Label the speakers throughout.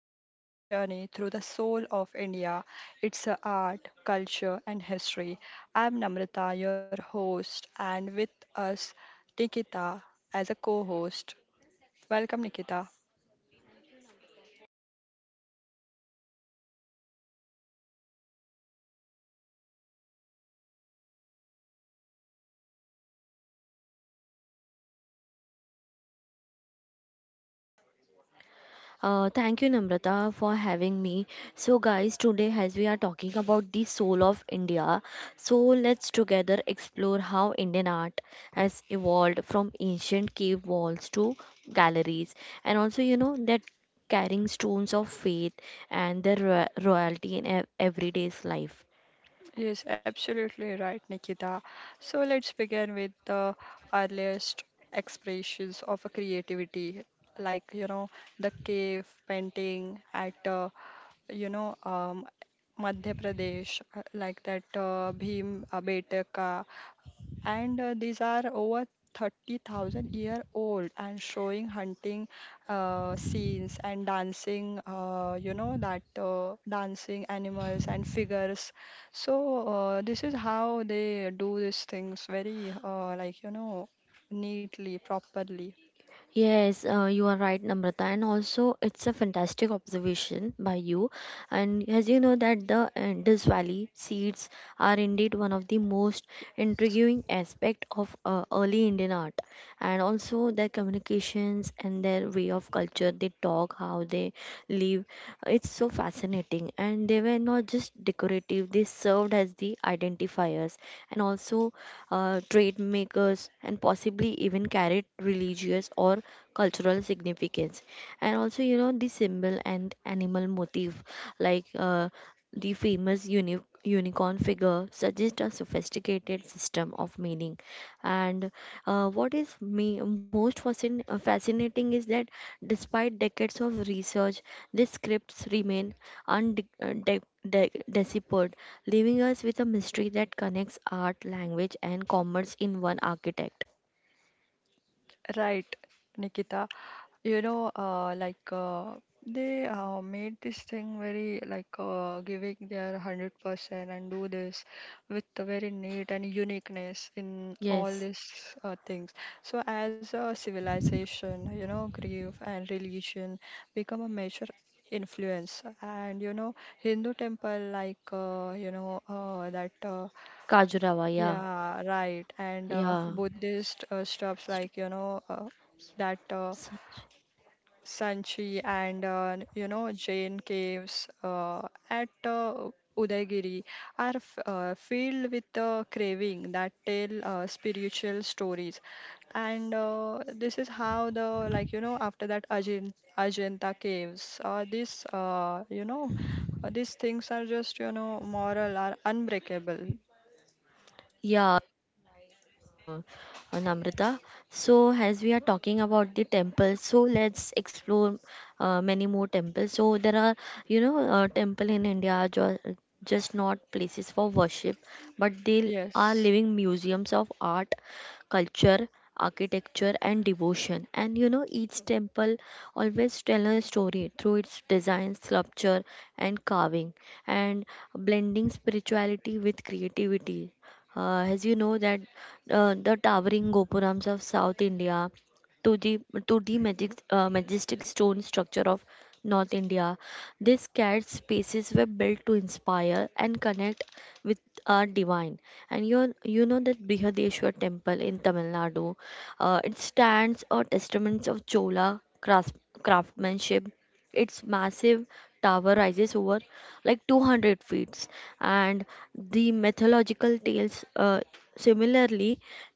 Speaker 1: you on a journey through the soul of India, its art, culture, and history. I am Namrata, your host, and with us Nikita as a co host. Welcome, Nikita.
Speaker 2: Thank you, Namrata, for having me. So, guys, today as we are talking about the soul of India, so let's together explore how Indian art has evolved from ancient cave walls to galleries, and also you know that carrying stones of faith and their royalty in everyday's life.
Speaker 1: Yes, absolutely right, Nikita. So let's begin with the earliest expressions of a creativity, like you know the cave painting at you know um, Madhya Pradesh, like that Bhim Betaka and these are over 30,000 year old and showing hunting scenes and dancing you know that dancing animals and figures. So this is how they do these things very like you know neatly, properly,
Speaker 2: Yes, you are right, Namrata, and also it's a fantastic observation by you. And as you know that the Indus Valley seeds are indeed one of the most intriguing aspect of early Indian art, and also their communications and their way of culture. They talk, how they live. It's so fascinating, and they were not just decorative. They served as the identifiers and also trade makers, and possibly even carried religious or cultural significance. And also you know the symbol and animal motif like uh, the famous unicorn figure suggests a sophisticated system of meaning. And what is me most fascinating is that despite decades of research these scripts remain undeciphered, leaving us with a mystery that connects art language and commerce in one architect.
Speaker 1: right, Nikita. You know, they made this thing very like giving their 100% and do this with a very neat and uniqueness in all
Speaker 2: Yes,
Speaker 1: these things. So, as a civilization, you know, grief and religion become a major influence. And, you know, Hindu temple, like, that.
Speaker 2: kajurawa, yeah,
Speaker 1: Yeah, right. And
Speaker 2: yeah.
Speaker 1: Buddhist stuffs like, you know, that Sanchi and you know Jain caves at Udaygiri are filled with the craving that tell spiritual stories. And this is how the like you know after that Ajanta caves, this you know these things are just you know moral are unbreakable.
Speaker 2: Yeah, uh, uh, Namrata. So, as we are talking about the temples, let's explore many more temples. So, there are, you know, temple in India are just not places for worship, but they are
Speaker 1: Yes,
Speaker 2: living museums of art, culture, architecture, and devotion. And you know, each temple always tell a story through its design, sculpture, and carving, and blending spirituality with creativity. As you know that the towering gopurams of South India to the to the majestic stone structure of North India. These cat spaces were built to inspire and connect with our divine. And you know that Brihadeshwar temple in Tamil Nadu, it stands a testament of Chola craftsmanship. Its massive tower rises over like 200 feet, and the mythological tales. Similarly,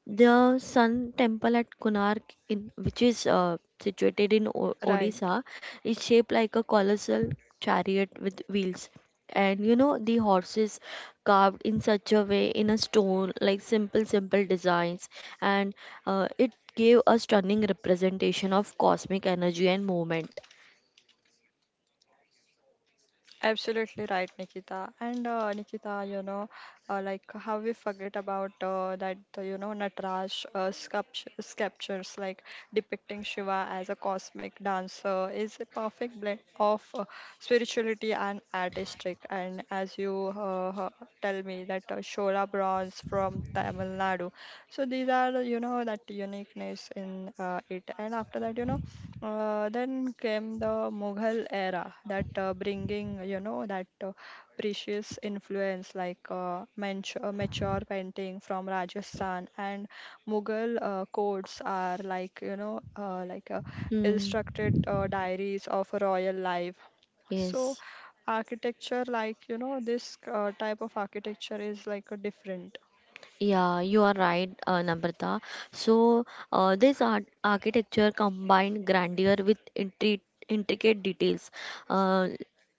Speaker 2: the Sun Temple at Konark, which is situated in
Speaker 1: right.
Speaker 2: Odisha, is shaped like a colossal chariot with wheels. And you know, the horses carved in such a way in a stone, like simple designs. And it gave a stunning representation of cosmic energy and movement.
Speaker 1: Absolutely right, Nikita. And Nikita, you know, like how we forget about you know, Nataraj sculptures like depicting Shiva as a cosmic dancer is a perfect blend of spirituality and artistic. And as you tell me, that Shola bronze from Tamil Nadu. So these are, you know, that uniqueness in it. And after that, you know, then came the Mughal era that bringing you know that precious influence like mature painting from Rajasthan and Mughal courts are like you know illustrated diaries of royal life. So
Speaker 2: Yes,
Speaker 1: architecture like you know this type of architecture is like a different.
Speaker 2: yeah, you are right, Namrata. So, this art architecture combined grandeur with intricate details. Uh,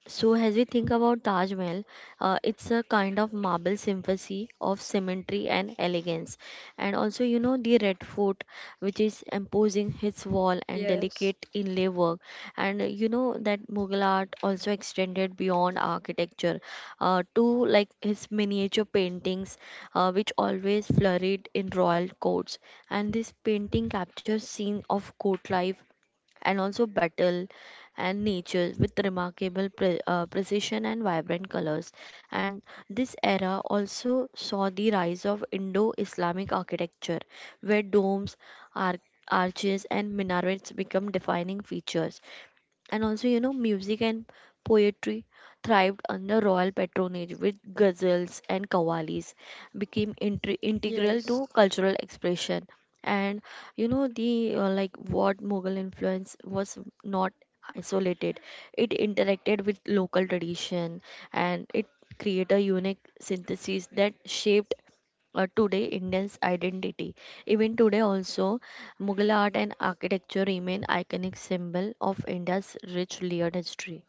Speaker 2: so, as we think about Taj Mahal, it's a kind of marble symphony of symmetry and elegance. And also, you know, the Red Fort, which is imposing its wall and
Speaker 1: Yes,
Speaker 2: delicate inlay work. And you know that Mughal art also extended beyond architecture to like his miniature paintings which always flurried in royal courts. And this painting captures scene of court life and also battle and nature with remarkable precision and vibrant colors. And this era also saw the rise of Indo-Islamic architecture, where domes, arch- arches, and minarets become defining features. And also, you know, music and poetry thrived under royal patronage with ghazals and qawwalis became intri integral
Speaker 1: yes.
Speaker 2: to cultural expression. And you know, the what Mughal influence was not isolated. It interacted with local tradition and it created a unique synthesis that shaped today Indians identity. Even today also, Mughal art and architecture remain iconic symbol of India's rich layered history.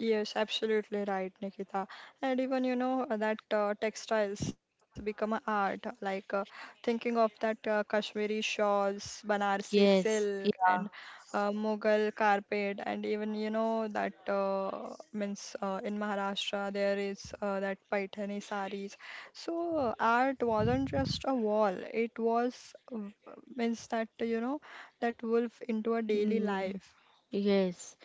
Speaker 1: Yes, absolutely right, Nikita. And even you know that textiles become a art. Like thinking of that Kashmiri shawls, Banarsi
Speaker 2: Yes,
Speaker 1: silk, and
Speaker 2: yeah,
Speaker 1: Mughal carpet, and even you know that means in Maharashtra there is that Paithani saris. So art wasn't just a wall; it was means that you know that wolf into a daily
Speaker 2: mm,
Speaker 1: life.
Speaker 2: yes,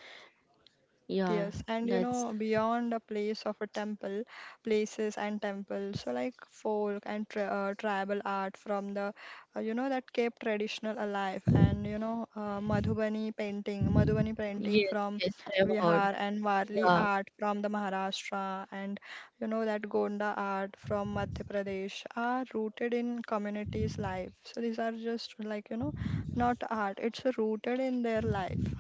Speaker 2: yeah.
Speaker 1: Yes, and you
Speaker 2: That's
Speaker 1: know, beyond a place of a temple, places and temples, so like folk and tra tribal art from the, you know, that kept traditional alive, and you know, Madhubani painting
Speaker 2: yes,
Speaker 1: from
Speaker 2: yes. I have heard.
Speaker 1: Bihar, and Warli
Speaker 2: Yeah,
Speaker 1: art from the Maharashtra, and you know, that Gonda art from Madhya Pradesh are rooted in communities' life. So these are just like, you know, not art, it's rooted in their life.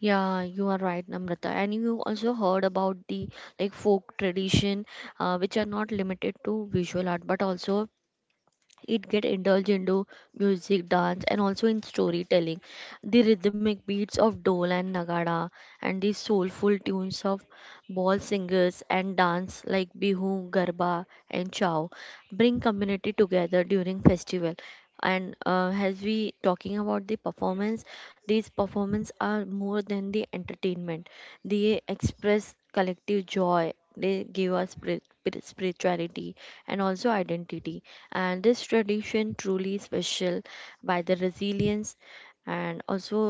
Speaker 2: yeah, you are right, Namrata. And you also heard about the like folk tradition, which are not limited to visual art, but also it get indulged into music dance and also in storytelling, the rhythmic beats of dole and nagada and the soulful tunes of ball singers and dance like bihu garba and chow bring community together during festival. And as we talking about the performance, these performance are more than the entertainment. They express collective joy. They give us spirituality and also identity. And this tradition truly special by the resilience and also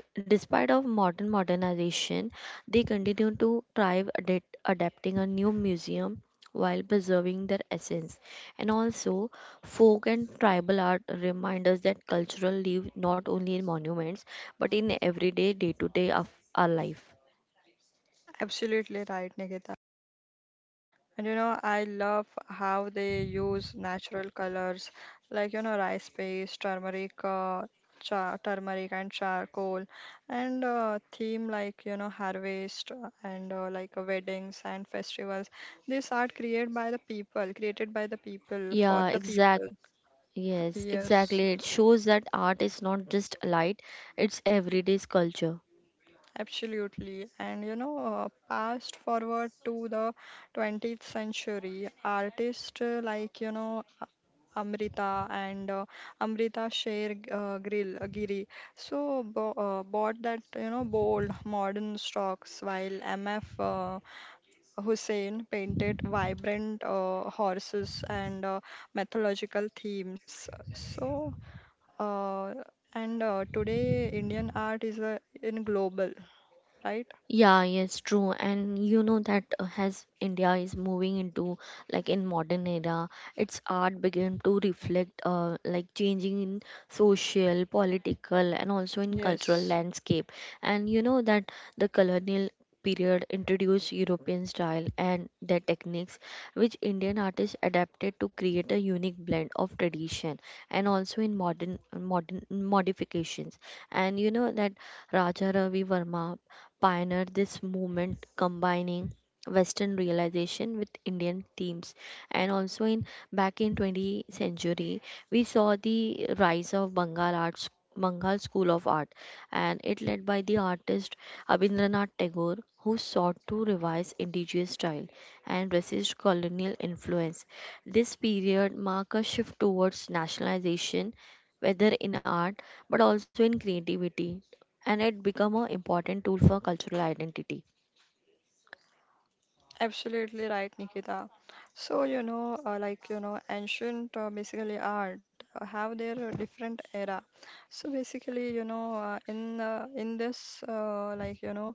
Speaker 2: despite of modern modernization they continue to thrive adapting a new museum while preserving their essence. And also folk and tribal art remind us that cultural live not only in monuments but in everyday day-to-day of our life.
Speaker 1: Absolutely right, Nikita. And you know, I love how they use natural colors like, you know, rice paste, turmeric, cha turmeric and charcoal, and theme like, you know, harvest and weddings and festivals. These art created by the people, created by the people for
Speaker 2: Yeah,
Speaker 1: the
Speaker 2: exact.
Speaker 1: people.
Speaker 2: Yes,
Speaker 1: Yes.
Speaker 2: exactly. It shows that art is not just a light, it's everyday's culture.
Speaker 1: Absolutely. And you know, fast forward to the 20th century, artists like, you know, Amrita and Amrita Sher Grill Giri so bo bought that, you know, bold modern stocks while MF Hussein painted vibrant horses and mythological themes. So, uh, and today Indian art is in global, right?
Speaker 2: Yeah, yes, true. And you know that as India is moving into like in modern era, its art began to reflect changing in social, political, and also in cultural
Speaker 1: Yes,
Speaker 2: landscape. And you know that the colonial period introduced European style and their techniques, which Indian artists adapted to create a unique blend of tradition and also in modern modifications. And you know that Raja Ravi Verma pioneered this movement, combining western realization with Indian themes. And also in back in 20th century we saw the rise of Bengal school of art, and it led by the artist Abhindranath Tagore, who sought to revise indigenous style and resist colonial influence. This period marked a shift towards nationalization, whether in art but also in creativity, and it become an important tool for cultural identity.
Speaker 1: absolutely right, Nikita. So, you know, ancient basically art have their different era. So basically, you know, in this like, you know,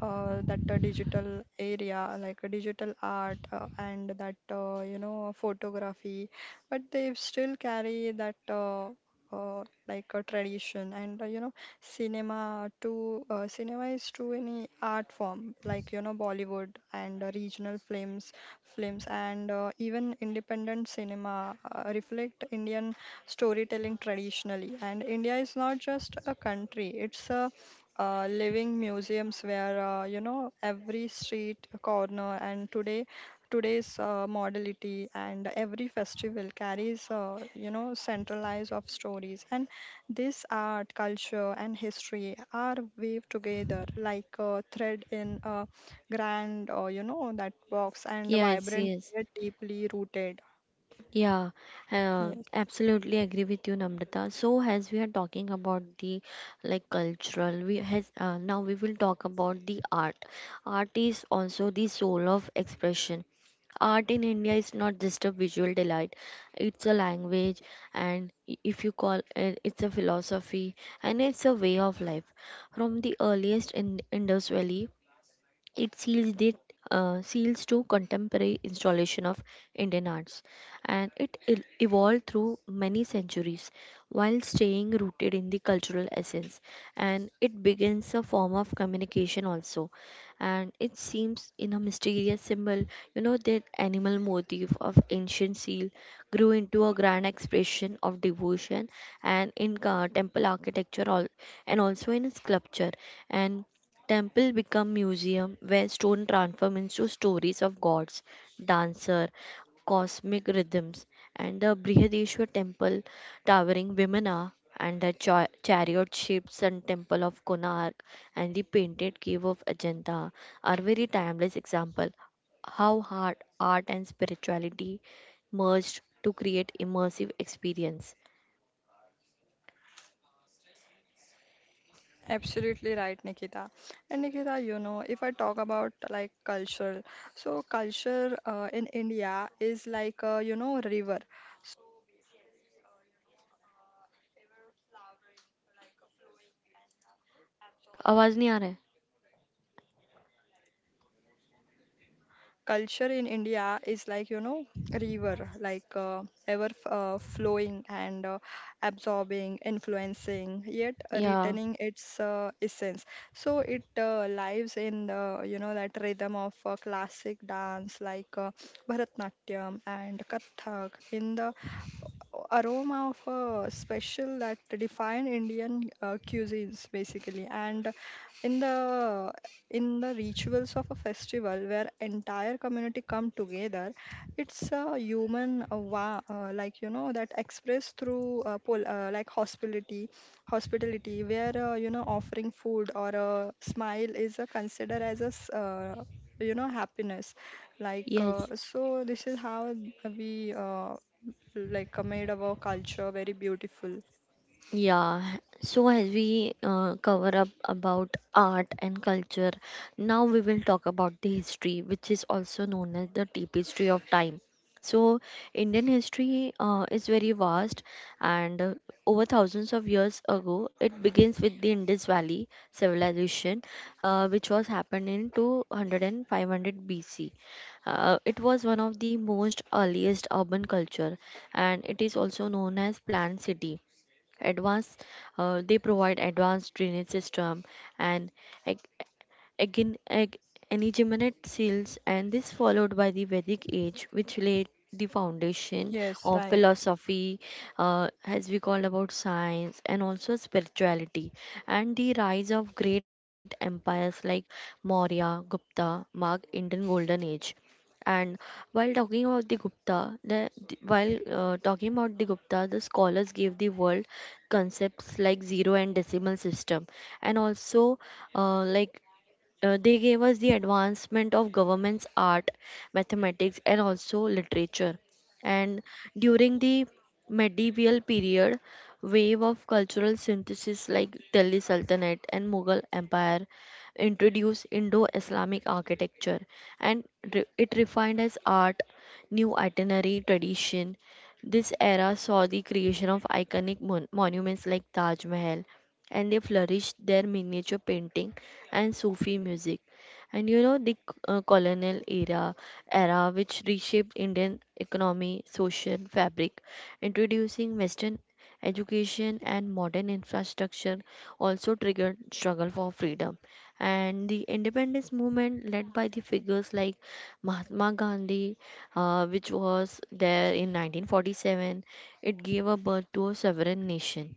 Speaker 1: that digital area like digital art and that you know photography, but they still carry that uh, like a tradition, and you know cinema too, cinema is too any art form like you know Bollywood and regional films and even independent cinema reflect Indian storytelling traditionally. And India is not just a country, it's a living museums where you know every street corner and today's modality and every festival carries you know centralized of stories. And this art, culture, and history are weaved together like a thread in a grand that box and
Speaker 2: Yes,
Speaker 1: vibrant,
Speaker 2: yes.
Speaker 1: yet deeply rooted.
Speaker 2: Yeah,
Speaker 1: Yes
Speaker 2: absolutely agree with you, Namrata. So as we are talking about the like cultural, we has now we will talk about the art. Art is also the soul of expression. Art in India is not just a visual delight; it's a language, and if you call it, it's a philosophy, and it's a way of life. From the earliest in Indus Valley it seals to contemporary installation of Indian arts, and it evolved through many centuries while staying rooted in the cultural essence. And it begins a form of communication also, and it seems in a mysterious symbol. You know that animal motif of ancient seal grew into a grand expression of devotion, and in temple architecture, all, and also in sculpture. And Temple become museum where stone transform into stories of gods, dancer, cosmic rhythms, and the Brihadeshwar temple towering Vimana and the chariot shaped sun temple of Konark and the painted cave of Ajanta are very timeless example how art and spirituality merged to create immersive experience.
Speaker 1: Absolutely right, Nikita. And Nikita, you know, if I talk about like culture, so culture in India is like you know river.
Speaker 2: आवाज नहीं आ रहा है?
Speaker 1: Culture in India is like you know river, like ever flowing and absorbing, influencing, yet
Speaker 2: Yeah.
Speaker 1: retaining its essence. So it lives in the you know that rhythm of classic dance like Bharatanatyam and Kathak, in the aroma of a special that define Indian cuisines basically, and in the in the rituals of a festival where entire community come together. It's a human like you know that expressed through like hospitality where you know offering food or a smile is considered as a you know happiness like
Speaker 2: Yes.
Speaker 1: so this is how we like made our culture very beautiful.
Speaker 2: Yeah, so as we cover up about art and culture, now we will talk about the history, which is also known as the tapestry of time. So, Indian history is very vast, and over thousands of years ago, it begins with the Indus Valley civilization, which was happened in 200 and 500 BC. It was one of the most earliest urban culture, and it is also known as planned city advanced. They provide advanced drainage system and ec- Again, Ag- Anigeminate seals, and this followed by the Vedic age, which laid the foundation
Speaker 1: Yes,
Speaker 2: of
Speaker 1: right.
Speaker 2: philosophy, as we call about science, and also spirituality. And the rise of great empires like Maurya, Gupta mark Indian Golden Age. And while talking about the gupta the- while talking about the gupta the scholars gave the world concepts like zero and decimal system, and also uh, like they gave us the advancement of government's art, mathematics, and also literature. And during the medieval period, wave of cultural synthesis like Delhi Sultanate and Mughal Empire introduced Indo-Islamic architecture, and it refined as art, new itinerary tradition. This era saw the creation of iconic monuments like Taj Mahal, and they flourished their miniature painting and Sufi music. And you know the colonial era which reshaped Indian economy, social fabric, introducing Western education and modern infrastructure, also triggered struggle for freedom. And the independence movement led by the figures like Mahatma Gandhi, which was there in 1947, it gave a birth to a sovereign nation.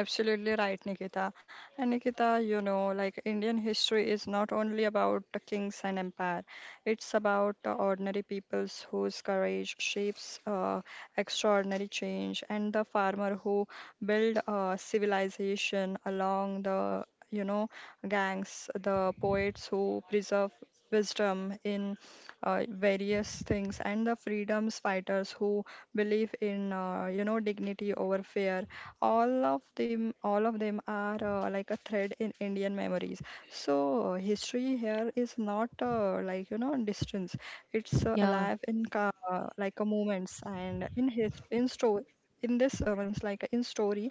Speaker 1: Absolutely right, Nikita. And Nikita, you know, like Indian history is not only about the kings and empire, it's about the ordinary peoples whose courage shapes extraordinary change, and the farmer who build civilization along the, you know, gangs, the poets who preserve wisdom in various things, and the freedoms fighters who believe in, you know, dignity over fear. All of them are like a thread in Indian memories. So history here is not like you know distance, it's
Speaker 2: Yeah.
Speaker 1: alive in like a moments and in history, in story, in this one's like in story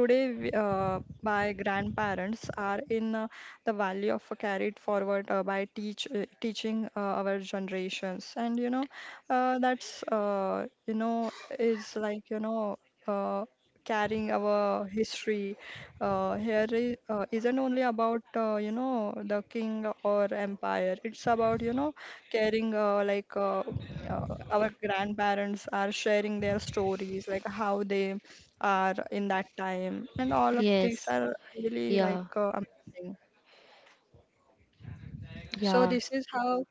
Speaker 1: today. By grandparents are in the value of carried forward by teaching our generations. And you know that's is like you know uh, carrying our history. Here is, isn't only about you know the king or empire. It's about you know carrying uh, our grandparents are sharing their stories, like how they are in that time, and all of these
Speaker 2: Yes.
Speaker 1: are really like
Speaker 2: Yeah.
Speaker 1: amazing. So
Speaker 2: Yeah.
Speaker 1: this is how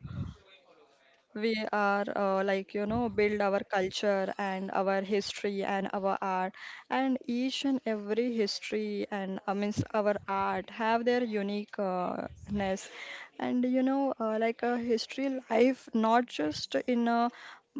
Speaker 1: we are like you know build our culture and our history and our art, and each and every history and means our art have their uniqueness. And you know like a history life not just in a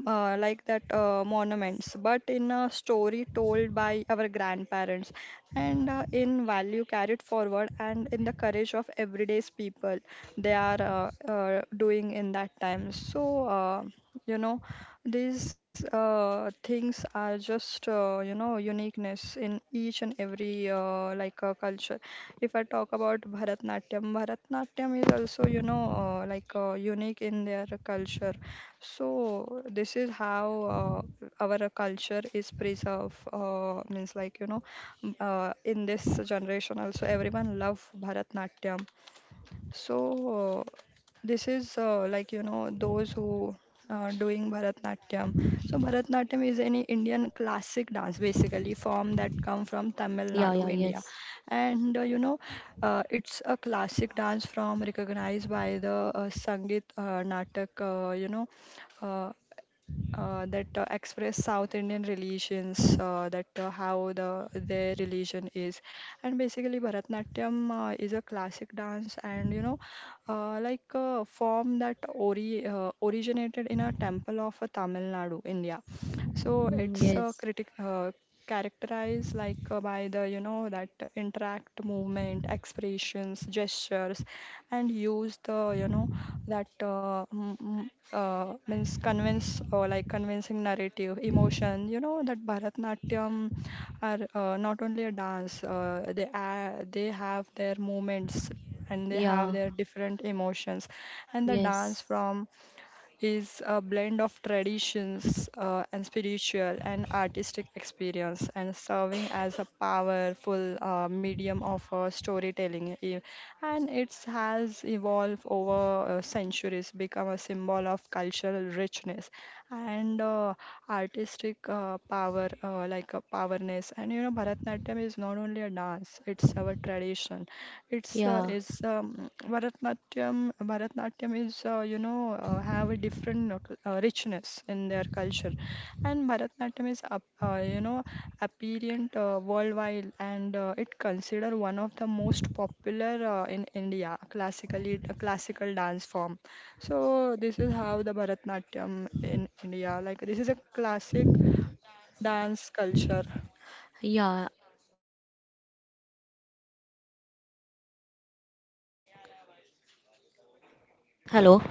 Speaker 1: like that monuments, but in a story told by our grandparents and in value carried forward and in the courage of everyday's people they are doing in that time. So you know these things are just you know uniqueness in each and every culture. If I talk about Bharatnatyam, Bharatnatyam is also you know unique in their culture. So this is how our culture is preserved. Means like you know, in this generation also everyone love Bharatnatyam. So this is like you know those who are doing Bharatnatyam. So Bharatnatyam is any Indian classic dance basically form that come
Speaker 2: Yeah,
Speaker 1: from
Speaker 2: yeah,
Speaker 1: Tamil
Speaker 2: yes.
Speaker 1: Nadu, India, and you know it's a classic dance from recognized by the Sangeet Natak, uh, that express South Indian religions, that how the their religion is, and basically Bharatnatyam is a classic dance, and you know, like a form that originated in a temple of Tamil Nadu, India. So
Speaker 2: Mm,
Speaker 1: it's
Speaker 2: yes.
Speaker 1: critic. Characterized like by the you know that interact movement expressions gestures, and use the you know that means convince or like convincing narrative, emotion. You know that Bharatnatyam are not only a dance; they have their movements and they have
Speaker 2: Yeah,
Speaker 1: their different emotions, and the dance
Speaker 2: yes.
Speaker 1: from is a blend of traditions and spiritual and artistic experience, and serving as a powerful medium of storytelling. And it has evolved over centuries become a symbol of cultural richness and artistic power like a powerness. And you know Bharatnatyam is not only a dance, it's our tradition, it's
Speaker 2: Yeah,
Speaker 1: is Bharatnatyam. Bharatnatyam is you know have a different richness in their culture, and Bharatnatyam is up, you know apparent worldwide, and it considered one of the most popular in India classically a classical dance form. So this is how the Bharatnatyam in India, like this is a classic dance culture.
Speaker 2: yeah. As you have talked about like Bharatnatyam, everything. Hello,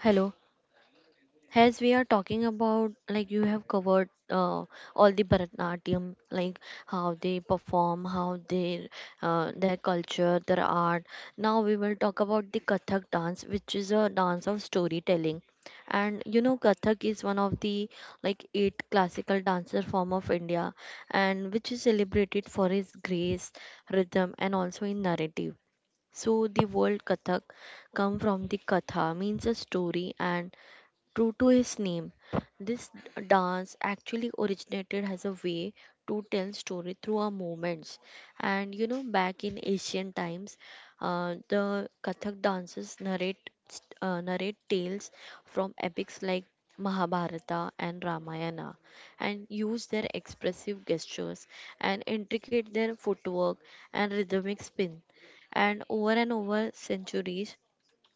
Speaker 2: hello. As we are talking about, like you have covered all the Bharatanatyam, like how they perform, how they their culture, their art. Now we will talk about the Kathak dance, which is a dance of storytelling. And you know, Kathak is one of the like eight classical dancer form of India, and which is celebrated for its grace, rhythm, and also in narrative. So the word Kathak come from the Katha means a story and true to his name, this dance actually originated as a way to tell story through our movements. And you know, back in ancient times, the Kathak dances narrate tales from epics like Mahabharata and Ramayana, and use their expressive gestures and intricate their footwork and rhythmic spin. And over centuries,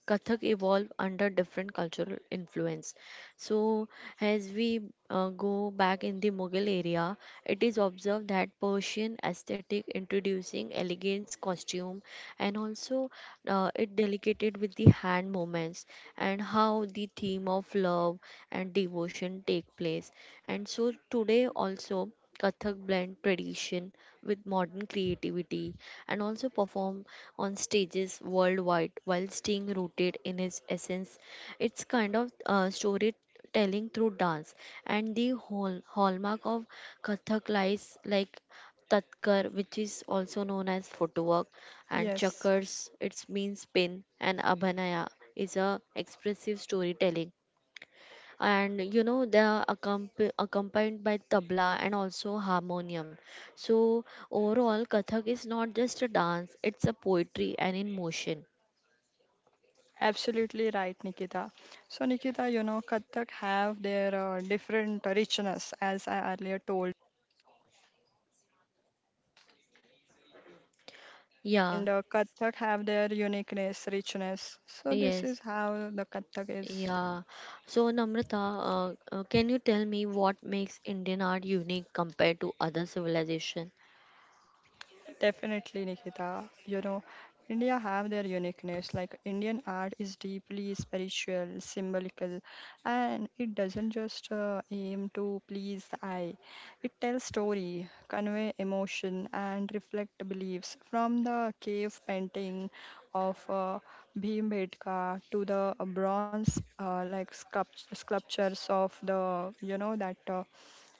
Speaker 2: Kathak evolved under different cultural influence. So, as we go back in the Mughal area, it is observed that Persian aesthetic introducing elegance costume and also it delicated with the hand movements and how the theme of love and devotion take place. And so today also Kathak blend tradition with modern creativity and also perform on stages worldwide while staying rooted in his essence. It's kind of storytelling through dance, and the whole hallmark of Kathak lies like Tatkar, which is also known as footwork, and
Speaker 1: Yes.
Speaker 2: Chakars, it's means spin, and Abhanaya is a expressive storytelling, and you know they are accompanied by tabla and also harmonium. So overall, kathak is not just a dance, it's a poetry and in motion.
Speaker 1: Absolutely right, Nikita. So, Nikita, you know, Kathak have their different richness, as I earlier told,
Speaker 2: Yeah,
Speaker 1: and Kathak have their uniqueness, richness. So, this is
Speaker 2: yes,
Speaker 1: how the Kathak is.
Speaker 2: yeah. So Namrata, can you tell me what makes Indian art unique compared to other civilization?
Speaker 1: Definitely, Nikita. You know, India have their uniqueness. Like Indian art is deeply spiritual, symbolical, and it doesn't just aim to please the eye. It tells story, convey emotion, and reflect beliefs. From the cave painting of Bhimbedka to the bronze like sculptures of the, you know, that. Uh,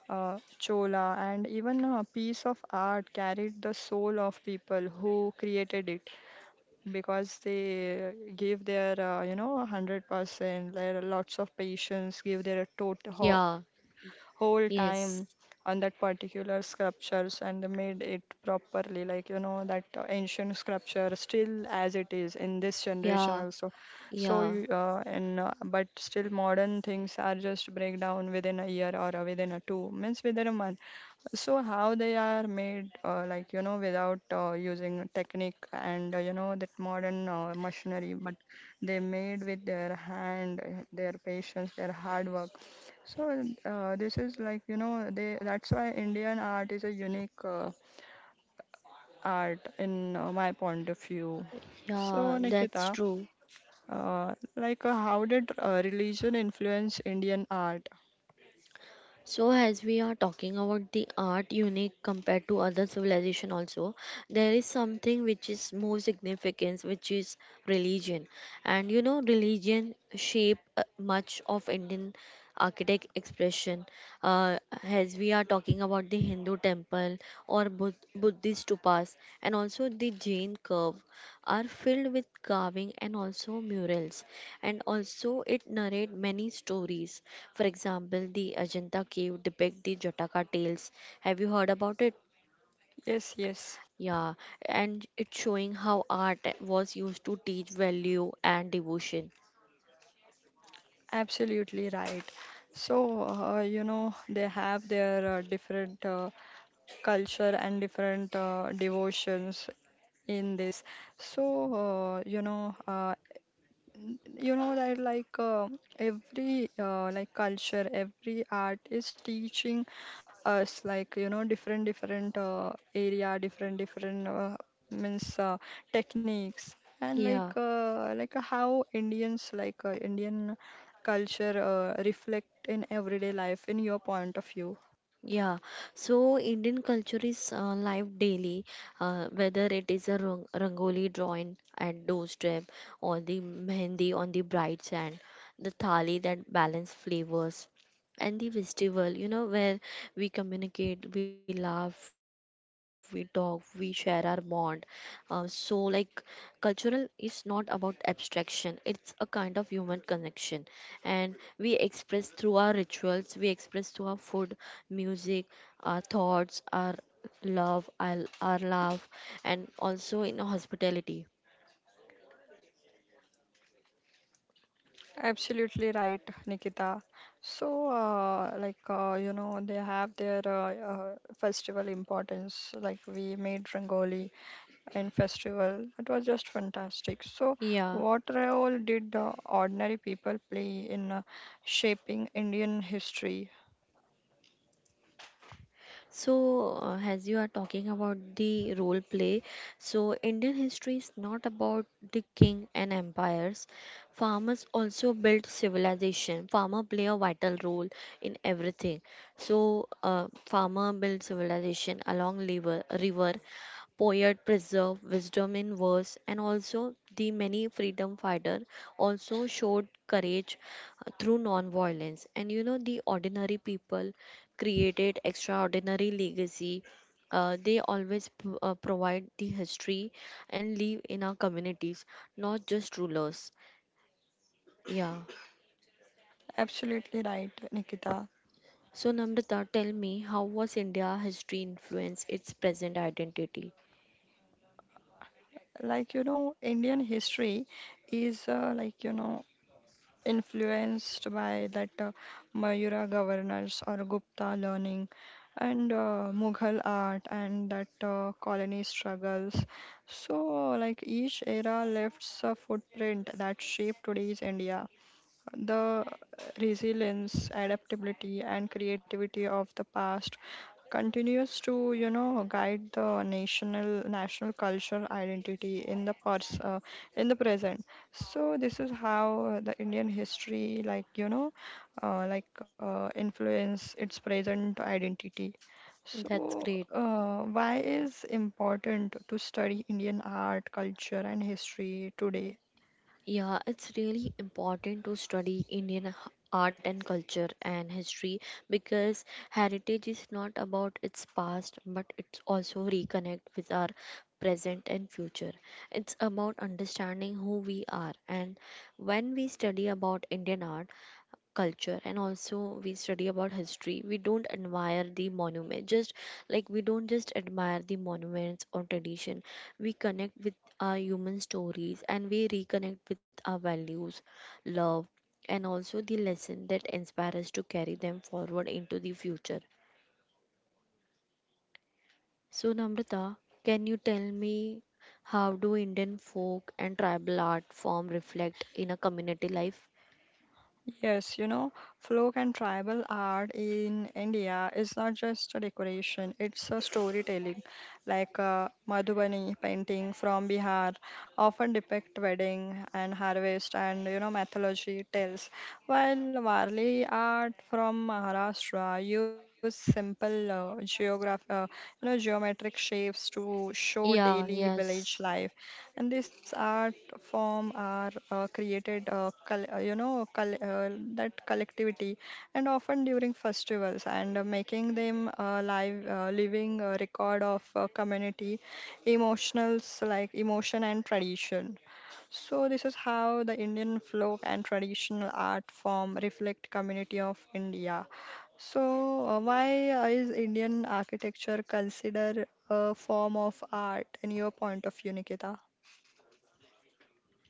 Speaker 1: uh, Chola, and even a piece of art carried the soul of people who created it because they gave their, you know, 100%, their lots of patience, gave their total,
Speaker 2: Yeah,
Speaker 1: whole
Speaker 2: yes,
Speaker 1: time on that particular sculptures and made it properly, like you know that ancient sculpture still as it is in this generation
Speaker 2: yeah,
Speaker 1: also. So
Speaker 2: yeah,
Speaker 1: you and but still modern things are just break down within a year or within a two, means within a month. So how they are made, like you know, without using technique and you know that modern machinery, but they made with their hand, their patience, their hard work. So this is, like you know, they that's why Indian art is a unique art in my point of view. So
Speaker 2: yeah, that's
Speaker 1: Nikita,
Speaker 2: true.
Speaker 1: like how did religion influence Indian art?
Speaker 2: So as we are talking about the art unique compared to other civilization also, there is something which is more significant, which is religion. And you know, religion shape much of Indian architect expression. As we are talking about the Hindu temple or Buddhist stupas and also the Jain curve are filled with carving and also murals, and also it narrate many stories. For example, the Ajanta cave depict the Jataka tales. Have you heard about it?
Speaker 1: Yes, yes,
Speaker 2: Yeah, and it's showing how art was used to teach value and devotion.
Speaker 1: absolutely right. So you know, they have their different culture and different devotions in this. So you know, you know that, like every like culture, every art is teaching us, like you know, different area, different means techniques. And
Speaker 2: Yeah.
Speaker 1: like how indian culture reflect in everyday life in your point of view?
Speaker 2: Yeah, so Indian culture is live daily, whether it is a rangoli drawing at doorstep, or the mehendi on the bride's hand, the thali that balance flavors, and the festival, where we communicate, we laugh, we talk, we share our bond. So, like, cultural is not about abstraction; it's a kind of human connection, and we express through our rituals, we express through our food, music, our thoughts, our love, our love, and also in hospitality.
Speaker 1: Absolutely right, Nikita. So like you know, they have their festival importance, like we made rangoli and festival. It was just fantastic. So,
Speaker 2: Yeah.
Speaker 1: what role did the ordinary people play in shaping Indian history?
Speaker 2: So, as you are talking about the role play, so Indian history is not about the king and empires. Farmers also built civilization. Farmer play a vital role in everything. So, farmer built civilization along river, poet preserved wisdom in verse, and also the many freedom fighter also showed courage through non-violence, and you know the ordinary people created extraordinary legacy. They always provide the history and live in our communities, not just rulers. Yeah.
Speaker 1: Absolutely right, Nikita.
Speaker 2: So Namrata, tell me, how was India history influence its present identity?
Speaker 1: Like, you know, Indian history is like, you know, influenced by that Mayura governors or Gupta learning and Mughal art and that colony struggles. So, like, each era left a footprint that shaped today's India. The resilience, adaptability, and creativity of the past continues to, you know, guide the national cultural identity in the pers in the present. So this is how the Indian history, like you know, like influence its present identity.
Speaker 2: That's
Speaker 1: So,
Speaker 2: great.
Speaker 1: why is important to study Indian art, culture, and history today?
Speaker 2: Yeah, it's really important to study Indian art and culture and history, because heritage is not about its past, but it's also reconnect with our present and future. It's about understanding who we are. And when we study about Indian art, culture, and also we study about history, we don't admire the monument just like we don't just admire the monuments or tradition, we connect with our human stories, and we reconnect with our values, love, and also the lesson that inspire us to carry them forward into the future. So Namrata, can you tell me how do Indian folk and tribal art form reflect in a community life?
Speaker 1: Yes, you know, folk and tribal art in India is not just a decoration, it's a storytelling. Like Madhubani painting from Bihar often depict wedding and harvest, and you know, mythology tells, while Warli art from Maharashtra use simple geograph you know, geometric shapes to show
Speaker 2: Yeah,
Speaker 1: daily
Speaker 2: yes.
Speaker 1: village life. And this art form are created you know, that collectivity, and often during festivals, and making them live living record of community emotionals, like emotion and tradition. So this is how the Indian folk and traditional art form reflect community of India. So, why is Indian architecture considered a form of art in your point of view, Nikita?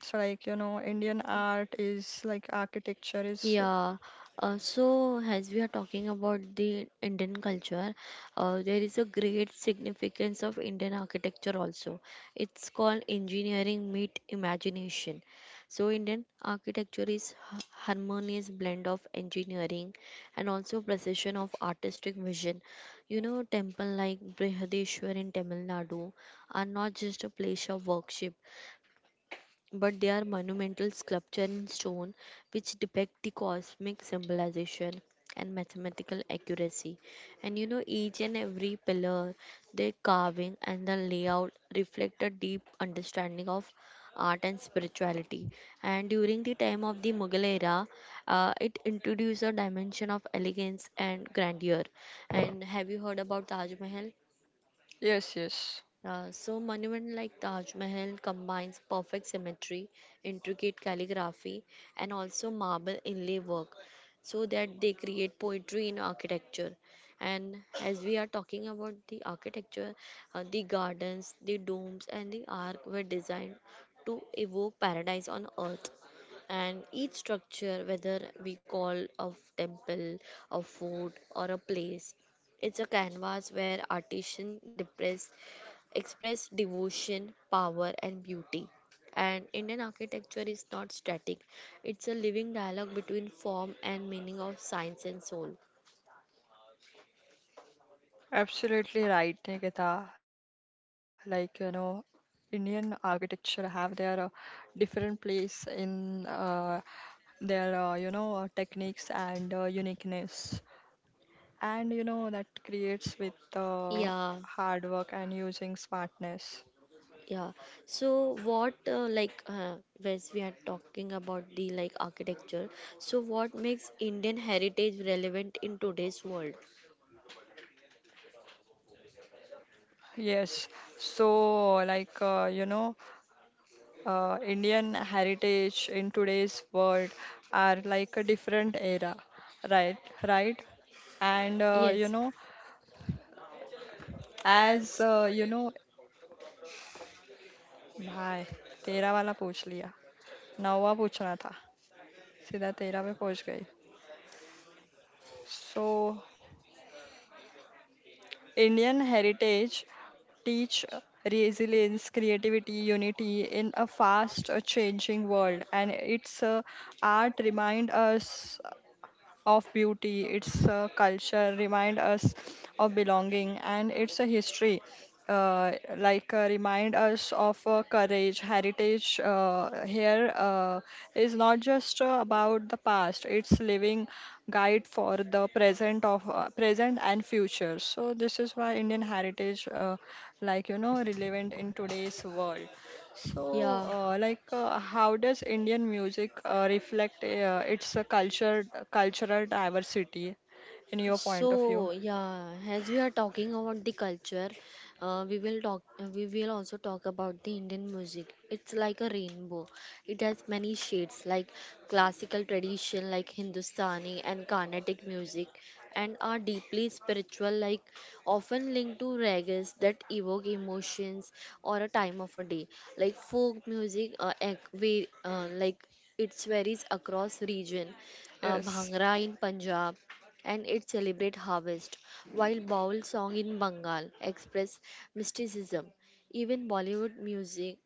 Speaker 1: So like, you know, Indian art is like architecture is.
Speaker 2: Yeah, so as we are talking about the Indian culture, there is a great significance of Indian architecture also. It's called engineering meet imagination. So Indian architecture is harmonious blend of engineering and also precision of artistic vision. You know, temple like Brihadishwar in Tamil Nadu are not just a place of worship, but they are monumental sculpture in stone, which depict the cosmic symbolization and mathematical accuracy. And you know, each and every pillar, their carving and the layout, reflect a deep understanding of art and spirituality. And during the time of the Mughal era, it introduced a dimension of elegance and grandeur. And have you heard about Taj Mahal?
Speaker 1: Yes, yes,
Speaker 2: So monument like Taj Mahal combines perfect symmetry, intricate calligraphy, and also marble inlay work, so that they create poetry in architecture. And as we are talking about the architecture, the gardens, the domes, and the arc were designed to evoke paradise on earth. And each structure, whether we call a temple, a fort, or a place, it's a canvas where artisan depress express devotion, power, and beauty. And Indian architecture is not static, it's a living dialogue between form and meaning of science and soul.
Speaker 1: absolutely right, Nikita. Like, you know, Indian architecture have their different place in their, you know, techniques and uniqueness. And, you know, that creates with
Speaker 2: Yeah,
Speaker 1: hard work and using smartness.
Speaker 2: yeah. So, as we are talking about the like architecture, so what makes Indian heritage relevant in today's world?
Speaker 1: Yes, so like, you know, Indian heritage in today's world are like a different era, right? Right? And you
Speaker 2: Yes,
Speaker 1: know, as you know, भाई तेरा वाला पूछ लिया, नौवा पूछना था, सीधा तेरा पे पहुंच गई. So Indian heritage teach resilience, creativity, unity in a fast changing world. And its art remind us of beauty, its culture remind us of belonging, and its a history. Like remind us of courage. Heritage, here is not just about the past; it's living guide for the present and future. So this is why Indian heritage, like you know, relevant in today's world. So,
Speaker 2: yeah.
Speaker 1: like, how does Indian music reflect its culture, cultural diversity in your point of view?
Speaker 2: So yeah, as we are talking about the culture, we will also talk about the Indian music. It's like a rainbow. It has many shades, like classical tradition, like Hindustani and Carnatic music, and are deeply spiritual, like often linked to ragas that evoke emotions or a time of a day. Like folk music, ec- we like it varies across region.
Speaker 1: Yes,
Speaker 2: Bhangra in Punjab, and it celebrates harvest, while Baul song in Bengal express mysticism. Even Bollywood music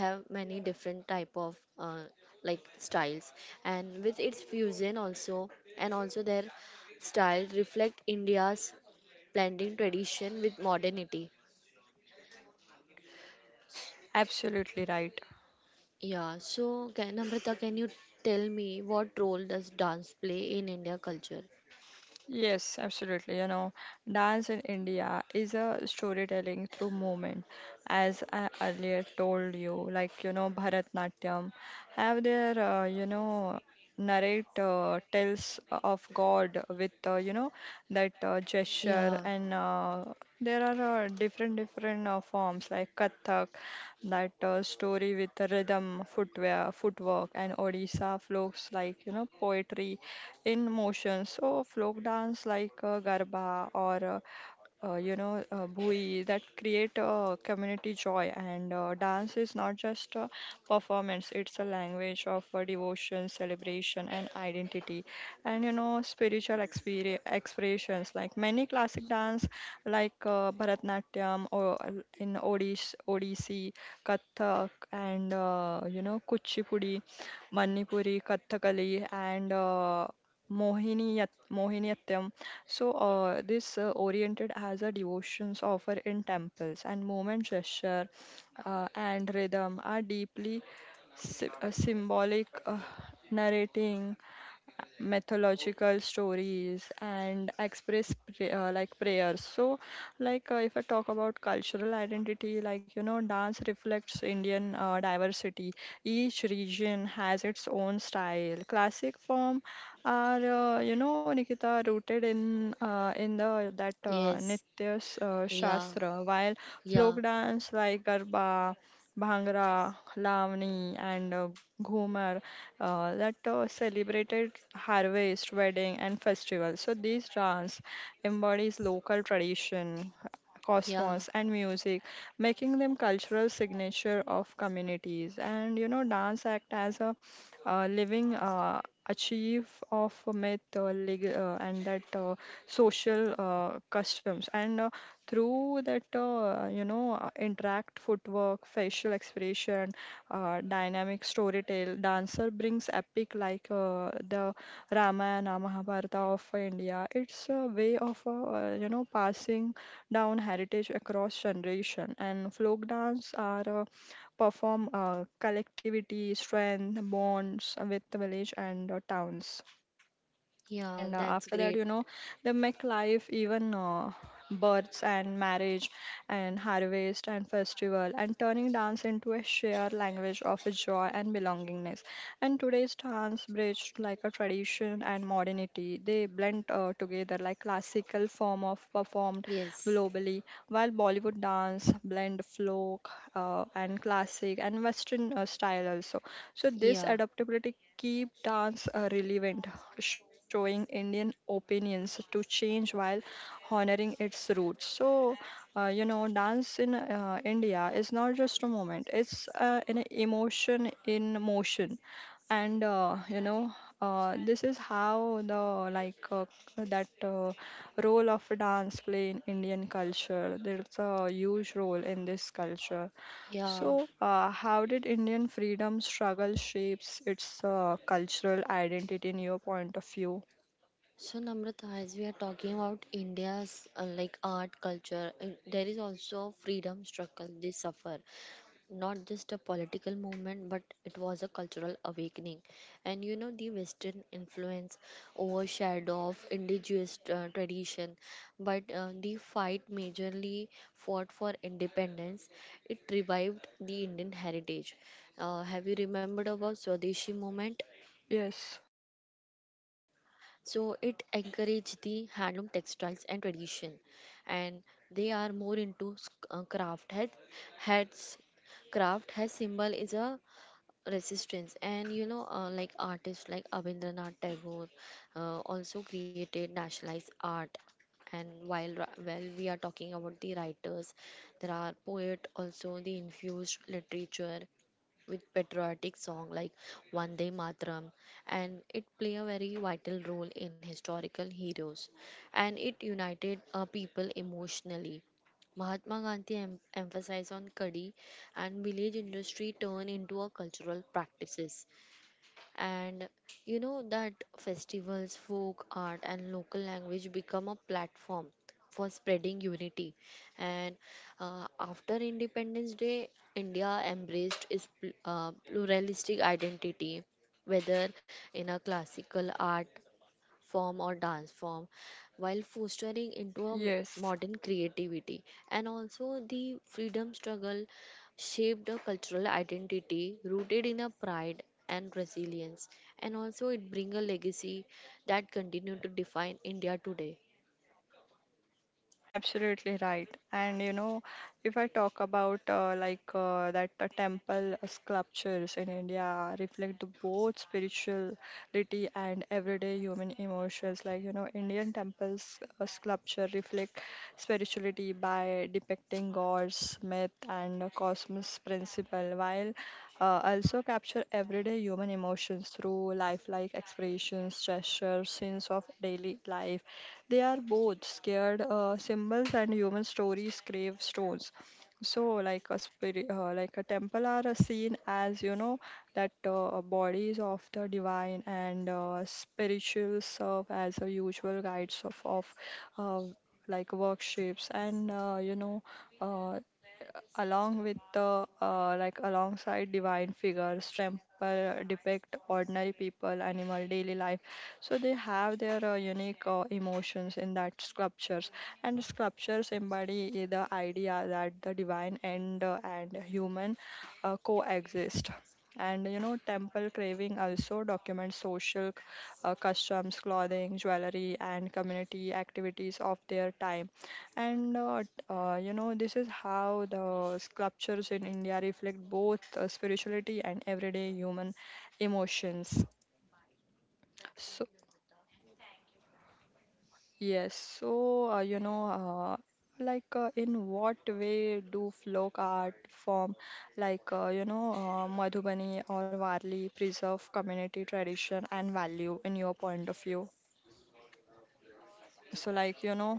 Speaker 2: have many different type of like styles, and with its fusion also, and also their style reflect India's blending tradition with modernity.
Speaker 1: absolutely right.
Speaker 2: Yeah, so can you tell me what role does dance play in India culture?
Speaker 1: Yes, absolutely. You know, dance in India is a storytelling through movement. As I earlier told you, like, you know, Bharatnatyam have their, you know, narrate tales of God with, you know, that
Speaker 2: Yeah,
Speaker 1: gesture. And there are different forms like Kathak, that story with rhythm, footwork, and Odisha folks, like, you know, poetry in motion. So folk dance like garba or you know, bhui, that create a community joy. And dance is not just a performance; it's a language of devotion, celebration, and identity. And you know, spiritual expressions like many classic dance, like Bharatanatyam or in Odissi, Kathak, and you know, Kuchipudi, Manipuri, Kathakali, and Mohiniyattam. So, this oriented as a devotions offer in temples, and movement gesture and rhythm are deeply symbolic, narrating mythological stories and express like prayers. So like if I talk about cultural identity, like you know, dance reflects Indian diversity. Each region has its own style. Classic form are, you know, Nikita, rooted in the that
Speaker 2: yes,
Speaker 1: nitya
Speaker 2: yeah,
Speaker 1: shastra, while
Speaker 2: yeah,
Speaker 1: folk dance like garba, Bhangra, Lavani, and Ghumar, that celebrated harvest, wedding, and festival. So these dance embodies local tradition,
Speaker 2: yeah.
Speaker 1: cosmos, and music, making them cultural signature of communities. And you know, dance act as a living achieve of and that social customs, and through that you know, interact footwork, facial expression, dynamic storytale dancer brings epic like the Ramayana, Mahabharata of India. It's a way of, you know, passing down heritage across generation. And folk dance are perform collectivity, strength bonds with the village and towns.
Speaker 2: Yeah,
Speaker 1: And
Speaker 2: that's
Speaker 1: after that,
Speaker 2: great.
Speaker 1: you know, they make life, even births and marriage and harvest and festival, and turning dance into a shared language of joy and belongingness. And today's dance bridged like a tradition and modernity. They blend together, like classical form of performed
Speaker 2: Yes.
Speaker 1: globally, while Bollywood dance blend folk and classic and western style also. So this
Speaker 2: Yeah.
Speaker 1: adaptability keep dance relevant, showing Indian opinions to change while honoring its roots. So, you know, dance in India is not just a moment, it's an emotion in motion. And, you know, this is how the like that role of dance play in Indian culture. There's a huge role in this culture.
Speaker 2: Yeah.
Speaker 1: So, how did Indian freedom struggle shapes its cultural identity in your point of view?
Speaker 2: So Namrata, as we are talking about India's like art culture, there is also freedom struggle they suffer. Not just a political movement, but it was a cultural awakening. And you know, the western influence overshadowed of indigenous tradition, but the fight majorly fought for independence. It revived the Indian heritage. Have you remembered about Swadeshi movement?
Speaker 1: Yes,
Speaker 2: So it encourage the handloom textiles and tradition, and they are more into craft. Heads, craft has symbol is a resistance, and you know, like artists like Abhindranath Tagore also created nationalized art. And while we are talking about the writers, there are poet also, they infused literature with patriotic song like Vande Matram, and it play a very vital role in historical heroes, and it united people emotionally. Mahatma Gandhi emphasized on kadi and village industry turned into a cultural practices, and you know that festivals, folk art, and local language become a platform for spreading unity. And after independence day, India embraced its pluralistic identity, whether in a classical art form or dance form, while fostering into a
Speaker 1: yes.
Speaker 2: modern creativity. And also the freedom struggle shaped a cultural identity rooted in a pride and resilience, and also it bring a legacy that continue to define India today.
Speaker 1: Absolutely right. And you know, if I talk about, like that the temple sculptures in India reflect the both spirituality and everyday human emotions. Like you know, Indian temples sculpture reflect spirituality by depicting gods, myth, and cosmos principle, while also capture everyday human emotions through lifelike expressions, gestures, scenes of daily life. They are both scared symbols and human stories, gravestones. So, like a spirit, like a temple are seen as you know, that bodies of the divine, and spiritual serve as a usual guides of uh, like workshops. And you know, uh, along with the like alongside divine figures, temple depict ordinary people, animal, daily life, so they have their unique emotions in that sculptures. And sculptures embody the idea that the divine and human coexist. And you know, temple craving also documents social customs, clothing, jewelry, and community activities of their time. And you know, this is how the sculptures in India reflect both spirituality and everyday human emotions. So, yes, so you know, like in what way do folk art form, like you know, Madhubani or Varli preserve community tradition and value in your point of view? So, like, you know,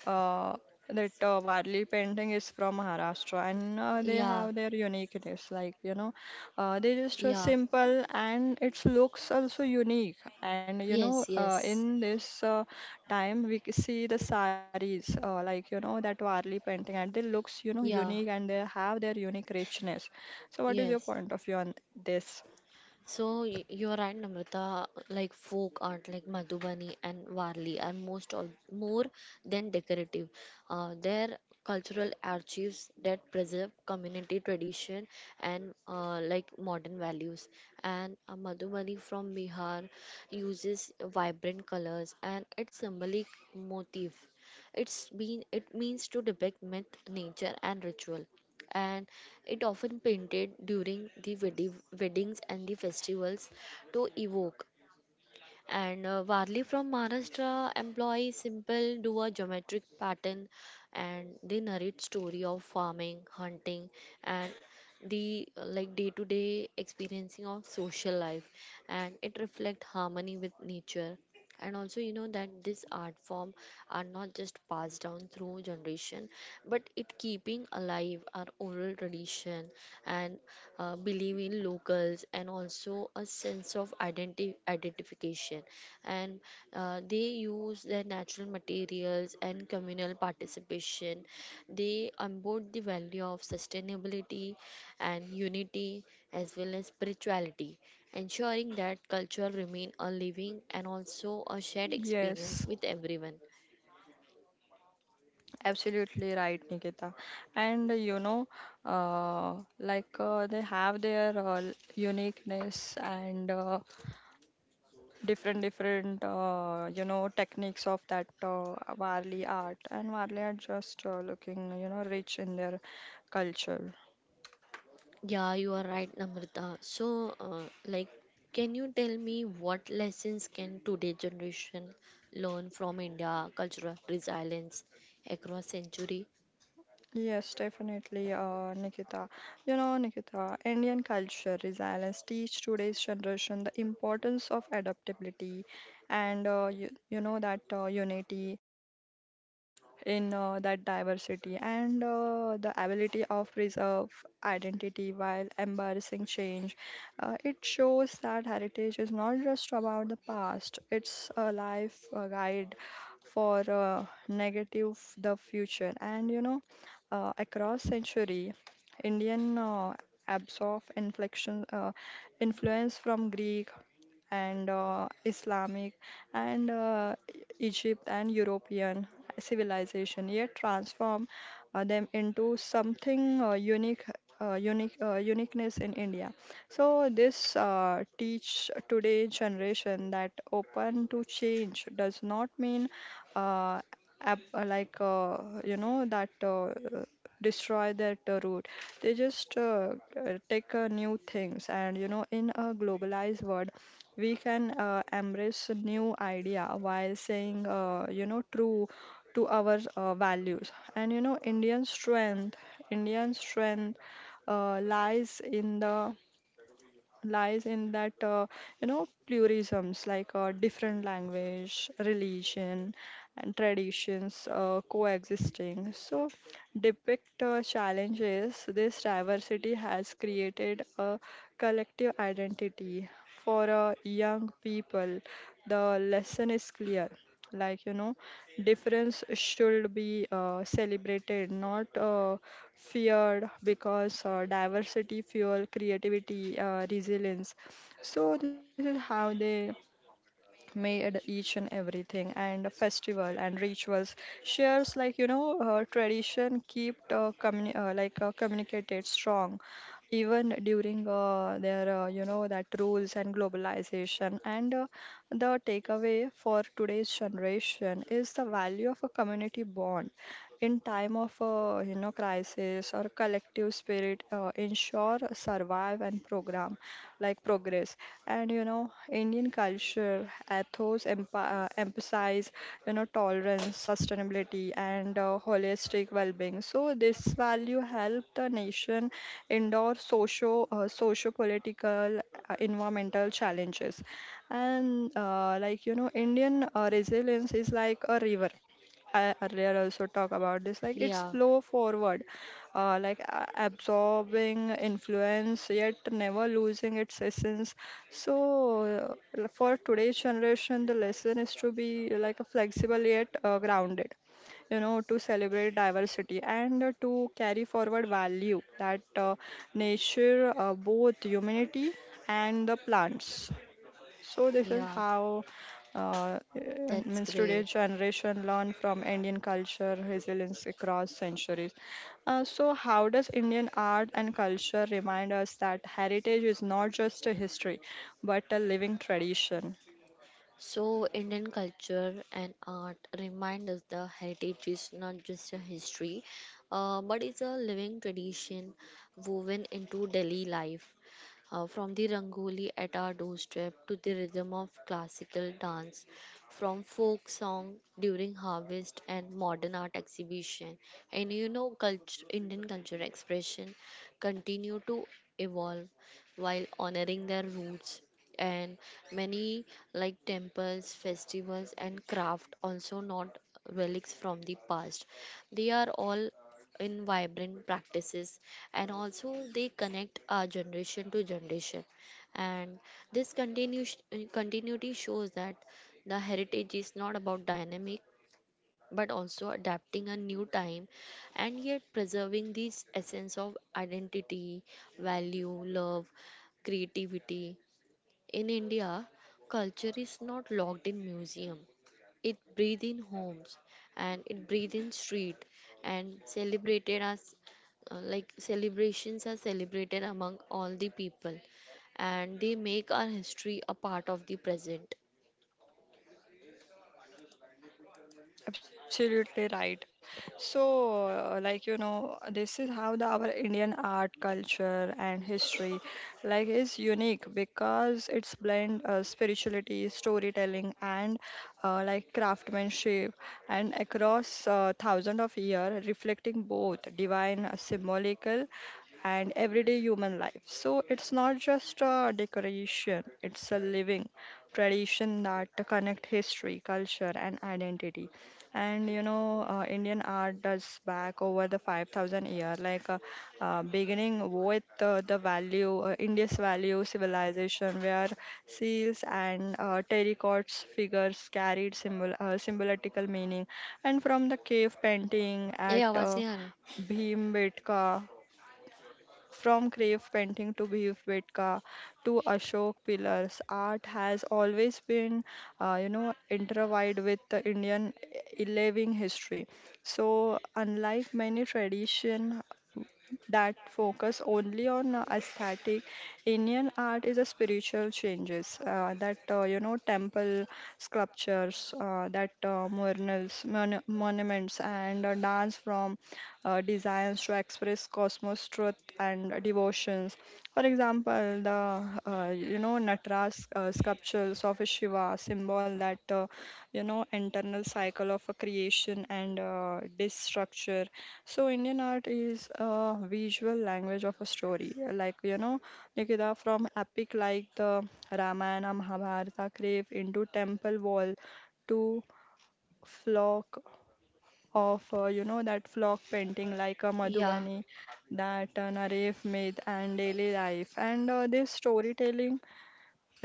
Speaker 1: uh, that Warli painting is from Maharashtra, and they
Speaker 2: Yeah,
Speaker 1: have their uniqueness. Like, you know, they just
Speaker 2: yeah,
Speaker 1: simple and its looks also unique. And, you know,
Speaker 2: yes, yes,
Speaker 1: in this time, we see the saris, like, you know, that Varli painting, and they looks, you know,
Speaker 2: yeah,
Speaker 1: unique, and they have their unique richness. So, what is your
Speaker 2: yes.
Speaker 1: point of view on this?
Speaker 2: So you're right, Namrata. Like folk art, like Madhubani and Varli, are more than decorative. They're cultural archives that preserve community tradition and like modern values. And Madhubani from Bihar uses vibrant colors and its symbolic motif. It means to depict myth, nature, and ritual, and it often painted during the weddings and the festivals to evoke. And Varli from Maharashtra employs simple duo geometric pattern, and they narrate story of farming, hunting, and the like day to day experiencing of social life, and it reflect harmony with nature. And also you know that this art form are not just passed down through generation, but it keeping alive our oral tradition and believe in locals, and also a sense of identification, and they use their natural materials and communal participation, they embody the value of sustainability and unity, as well as spirituality, ensuring that culture remain a living and also a shared experience
Speaker 1: Yes.
Speaker 2: with everyone.
Speaker 1: Absolutely right, Nikita. And you know, they have their uniqueness and different, different, you know, techniques of that Varli art. And Varli are just looking, you know, rich in their culture.
Speaker 2: Yeah, you are right, Namrata. So, can you tell me what lessons can today generation learn from India cultural resilience across century?
Speaker 1: Yes, definitely, Nikita. You know, Nikita, Indian culture resilience teach today's generation the importance of adaptability and you know that unity in that diversity and the ability of preserve identity while embarrassing change. It shows that heritage is not just about the past; it's a life guide for negative the future. And you know, across century, Indian absorb inflection influence from Greek and Islamic and Egypt and European civilization, yet transform them into something uniqueness in India. So this teach today generation that open to change does not mean uh, ab- uh, like uh, you know that, destroy that root, they just take new things. And you know, in a globalized world we can embrace a new idea while saying you know true to our values. And you know, Indian strength uh, lies in the lies in that you know pluralisms, like different language, religion and traditions coexisting. So depict challenges, this diversity has created a collective identity. For young people, the lesson is clear, like you know, difference should be celebrated, not feared, because diversity fuel creativity, resilience. So this is how they made each and everything. And a festival and rituals shares, like you know, tradition keep communicated strong even during their you know that rules and globalization. And the takeaway for today's generation is the value of a community bond in time of you know crisis, or collective spirit ensure survive and program, like progress. And you know, Indian culture ethos emphasize, you know, tolerance, sustainability and holistic well-being. So this value help the nation endure socio political, environmental challenges. And like you know, Indian resilience is like a river. I earlier also talk about this, like it's
Speaker 2: Yeah,
Speaker 1: flow forward, absorbing influence yet never losing its essence. So, for today's generation, the lesson is to be like a flexible yet grounded, you know, to celebrate diversity and to carry forward value that nature both humanity and the plants. So this is
Speaker 2: yeah,
Speaker 1: how uh, uh,
Speaker 2: that's
Speaker 1: means
Speaker 2: great.
Speaker 1: today's generation learn from Indian culture resilience across centuries. So how does Indian art and culture remind us that heritage is not just a history but a living tradition?
Speaker 2: So, Indian culture and art remind us the heritage is not just a history, but it's a living tradition woven into daily life. From the rangoli at our doorstep to the rhythm of classical dance, from folk song during harvest and modern art exhibition, and you know, culture, Indian culture expression continue to evolve while honoring their roots, and many like temples, festivals, and craft also not relics from the past, they are all in vibrant practices and also they connect our generation to generation. And this continuation continuity shows that the heritage is not about dynamic but also adapting a new time, and yet preserving this essence of identity, value, love, creativity. In India, culture is not locked in museum. It breathes in homes and it breathes in street, and celebrated as like celebrations are celebrated among all the people, and they make our history a part of the present.
Speaker 1: Absolutely right. So, like you know, this is how the our Indian art, culture, and history, like, is unique because it's blend spirituality, storytelling, and like craftsmanship, and across thousands of years, reflecting both divine, symbolical, and everyday human life. So it's not just a decoration, it's a living tradition that connect history, culture and identity. And you know, Indian art does back over the 5,000 year, like beginning with the value India's value civilization, where seals and terracotts figures carried symbolical meaning. And from the cave painting
Speaker 2: ये
Speaker 1: at
Speaker 2: आवाज़ नहीं आ रहा है?
Speaker 1: Bhimbetka, from cave painting to Bhivbetka to Ashok pillars, art has always been, you know, intertwined with the Indian living history. So, unlike many tradition that focus only on aesthetic, Indian art is a spiritual changes that you know temple sculptures, that murals, monuments and dance from designs to express cosmos truth and devotions. For example, the you know natras sculptures of a shiva symbol, that you know internal cycle of a creation and destructure. So Indian art is a visual language of a story. Like you know, Nikita, from epic like the Ramayana, Mahabharata cave into temple wall to flock of you know that flock painting like a
Speaker 2: Yeah.
Speaker 1: Madhubani that Naref made and daily life. And this storytelling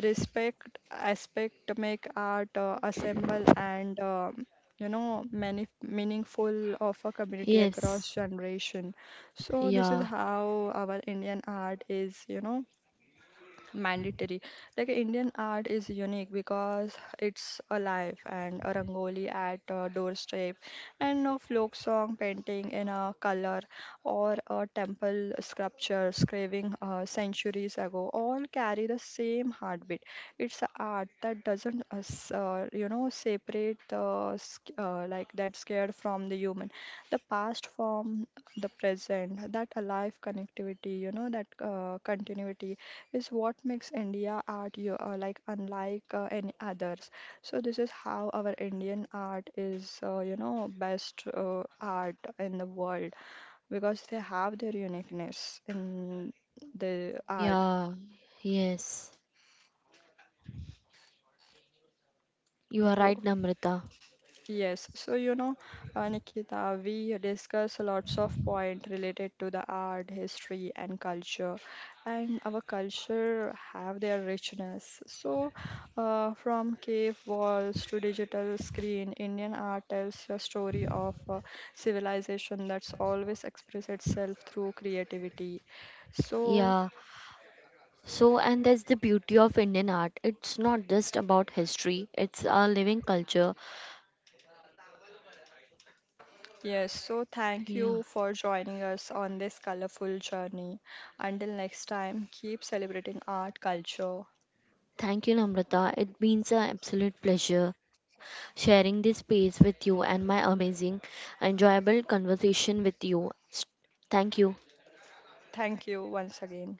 Speaker 1: respect aspect make art assemble and you know many meaningful of a community across
Speaker 2: Yes.
Speaker 1: generation. So this
Speaker 2: Yeah.
Speaker 1: is how our Indian art is, you know, mandatory. Like Indian art is unique because it's alive, and a rangoli at a doorstep and a folk song painting in a color or a temple sculpture carving centuries ago all carry the same heartbeat. It's a art that doesn't you know separate the sc- like that scared from the human, the past from the present. That alive connectivity, you know, that continuity is what makes India art unlike any others. So this is how our Indian art is, you know, best art in the world, because they have their uniqueness in the art.
Speaker 2: Yeah, yes. You are
Speaker 1: So,
Speaker 2: right, Namrita.
Speaker 1: yes, so you know, Nikita, we discuss lots of point related to the art, history, and culture, and our culture have their richness. So, from cave walls to digital screen, Indian art tells a story of civilization that's always express itself through creativity. So,
Speaker 2: Yeah. So, and that's the beauty of Indian art. It's not just about history, it's a living culture.
Speaker 1: yes, so thank
Speaker 2: Yeah.
Speaker 1: you for joining us on this colorful journey. Until next time, keep celebrating art, culture.
Speaker 2: Thank you, Namrata. It means an absolute pleasure sharing this space with you and my amazing, enjoyable conversation with you. Thank you.
Speaker 1: Thank you once again.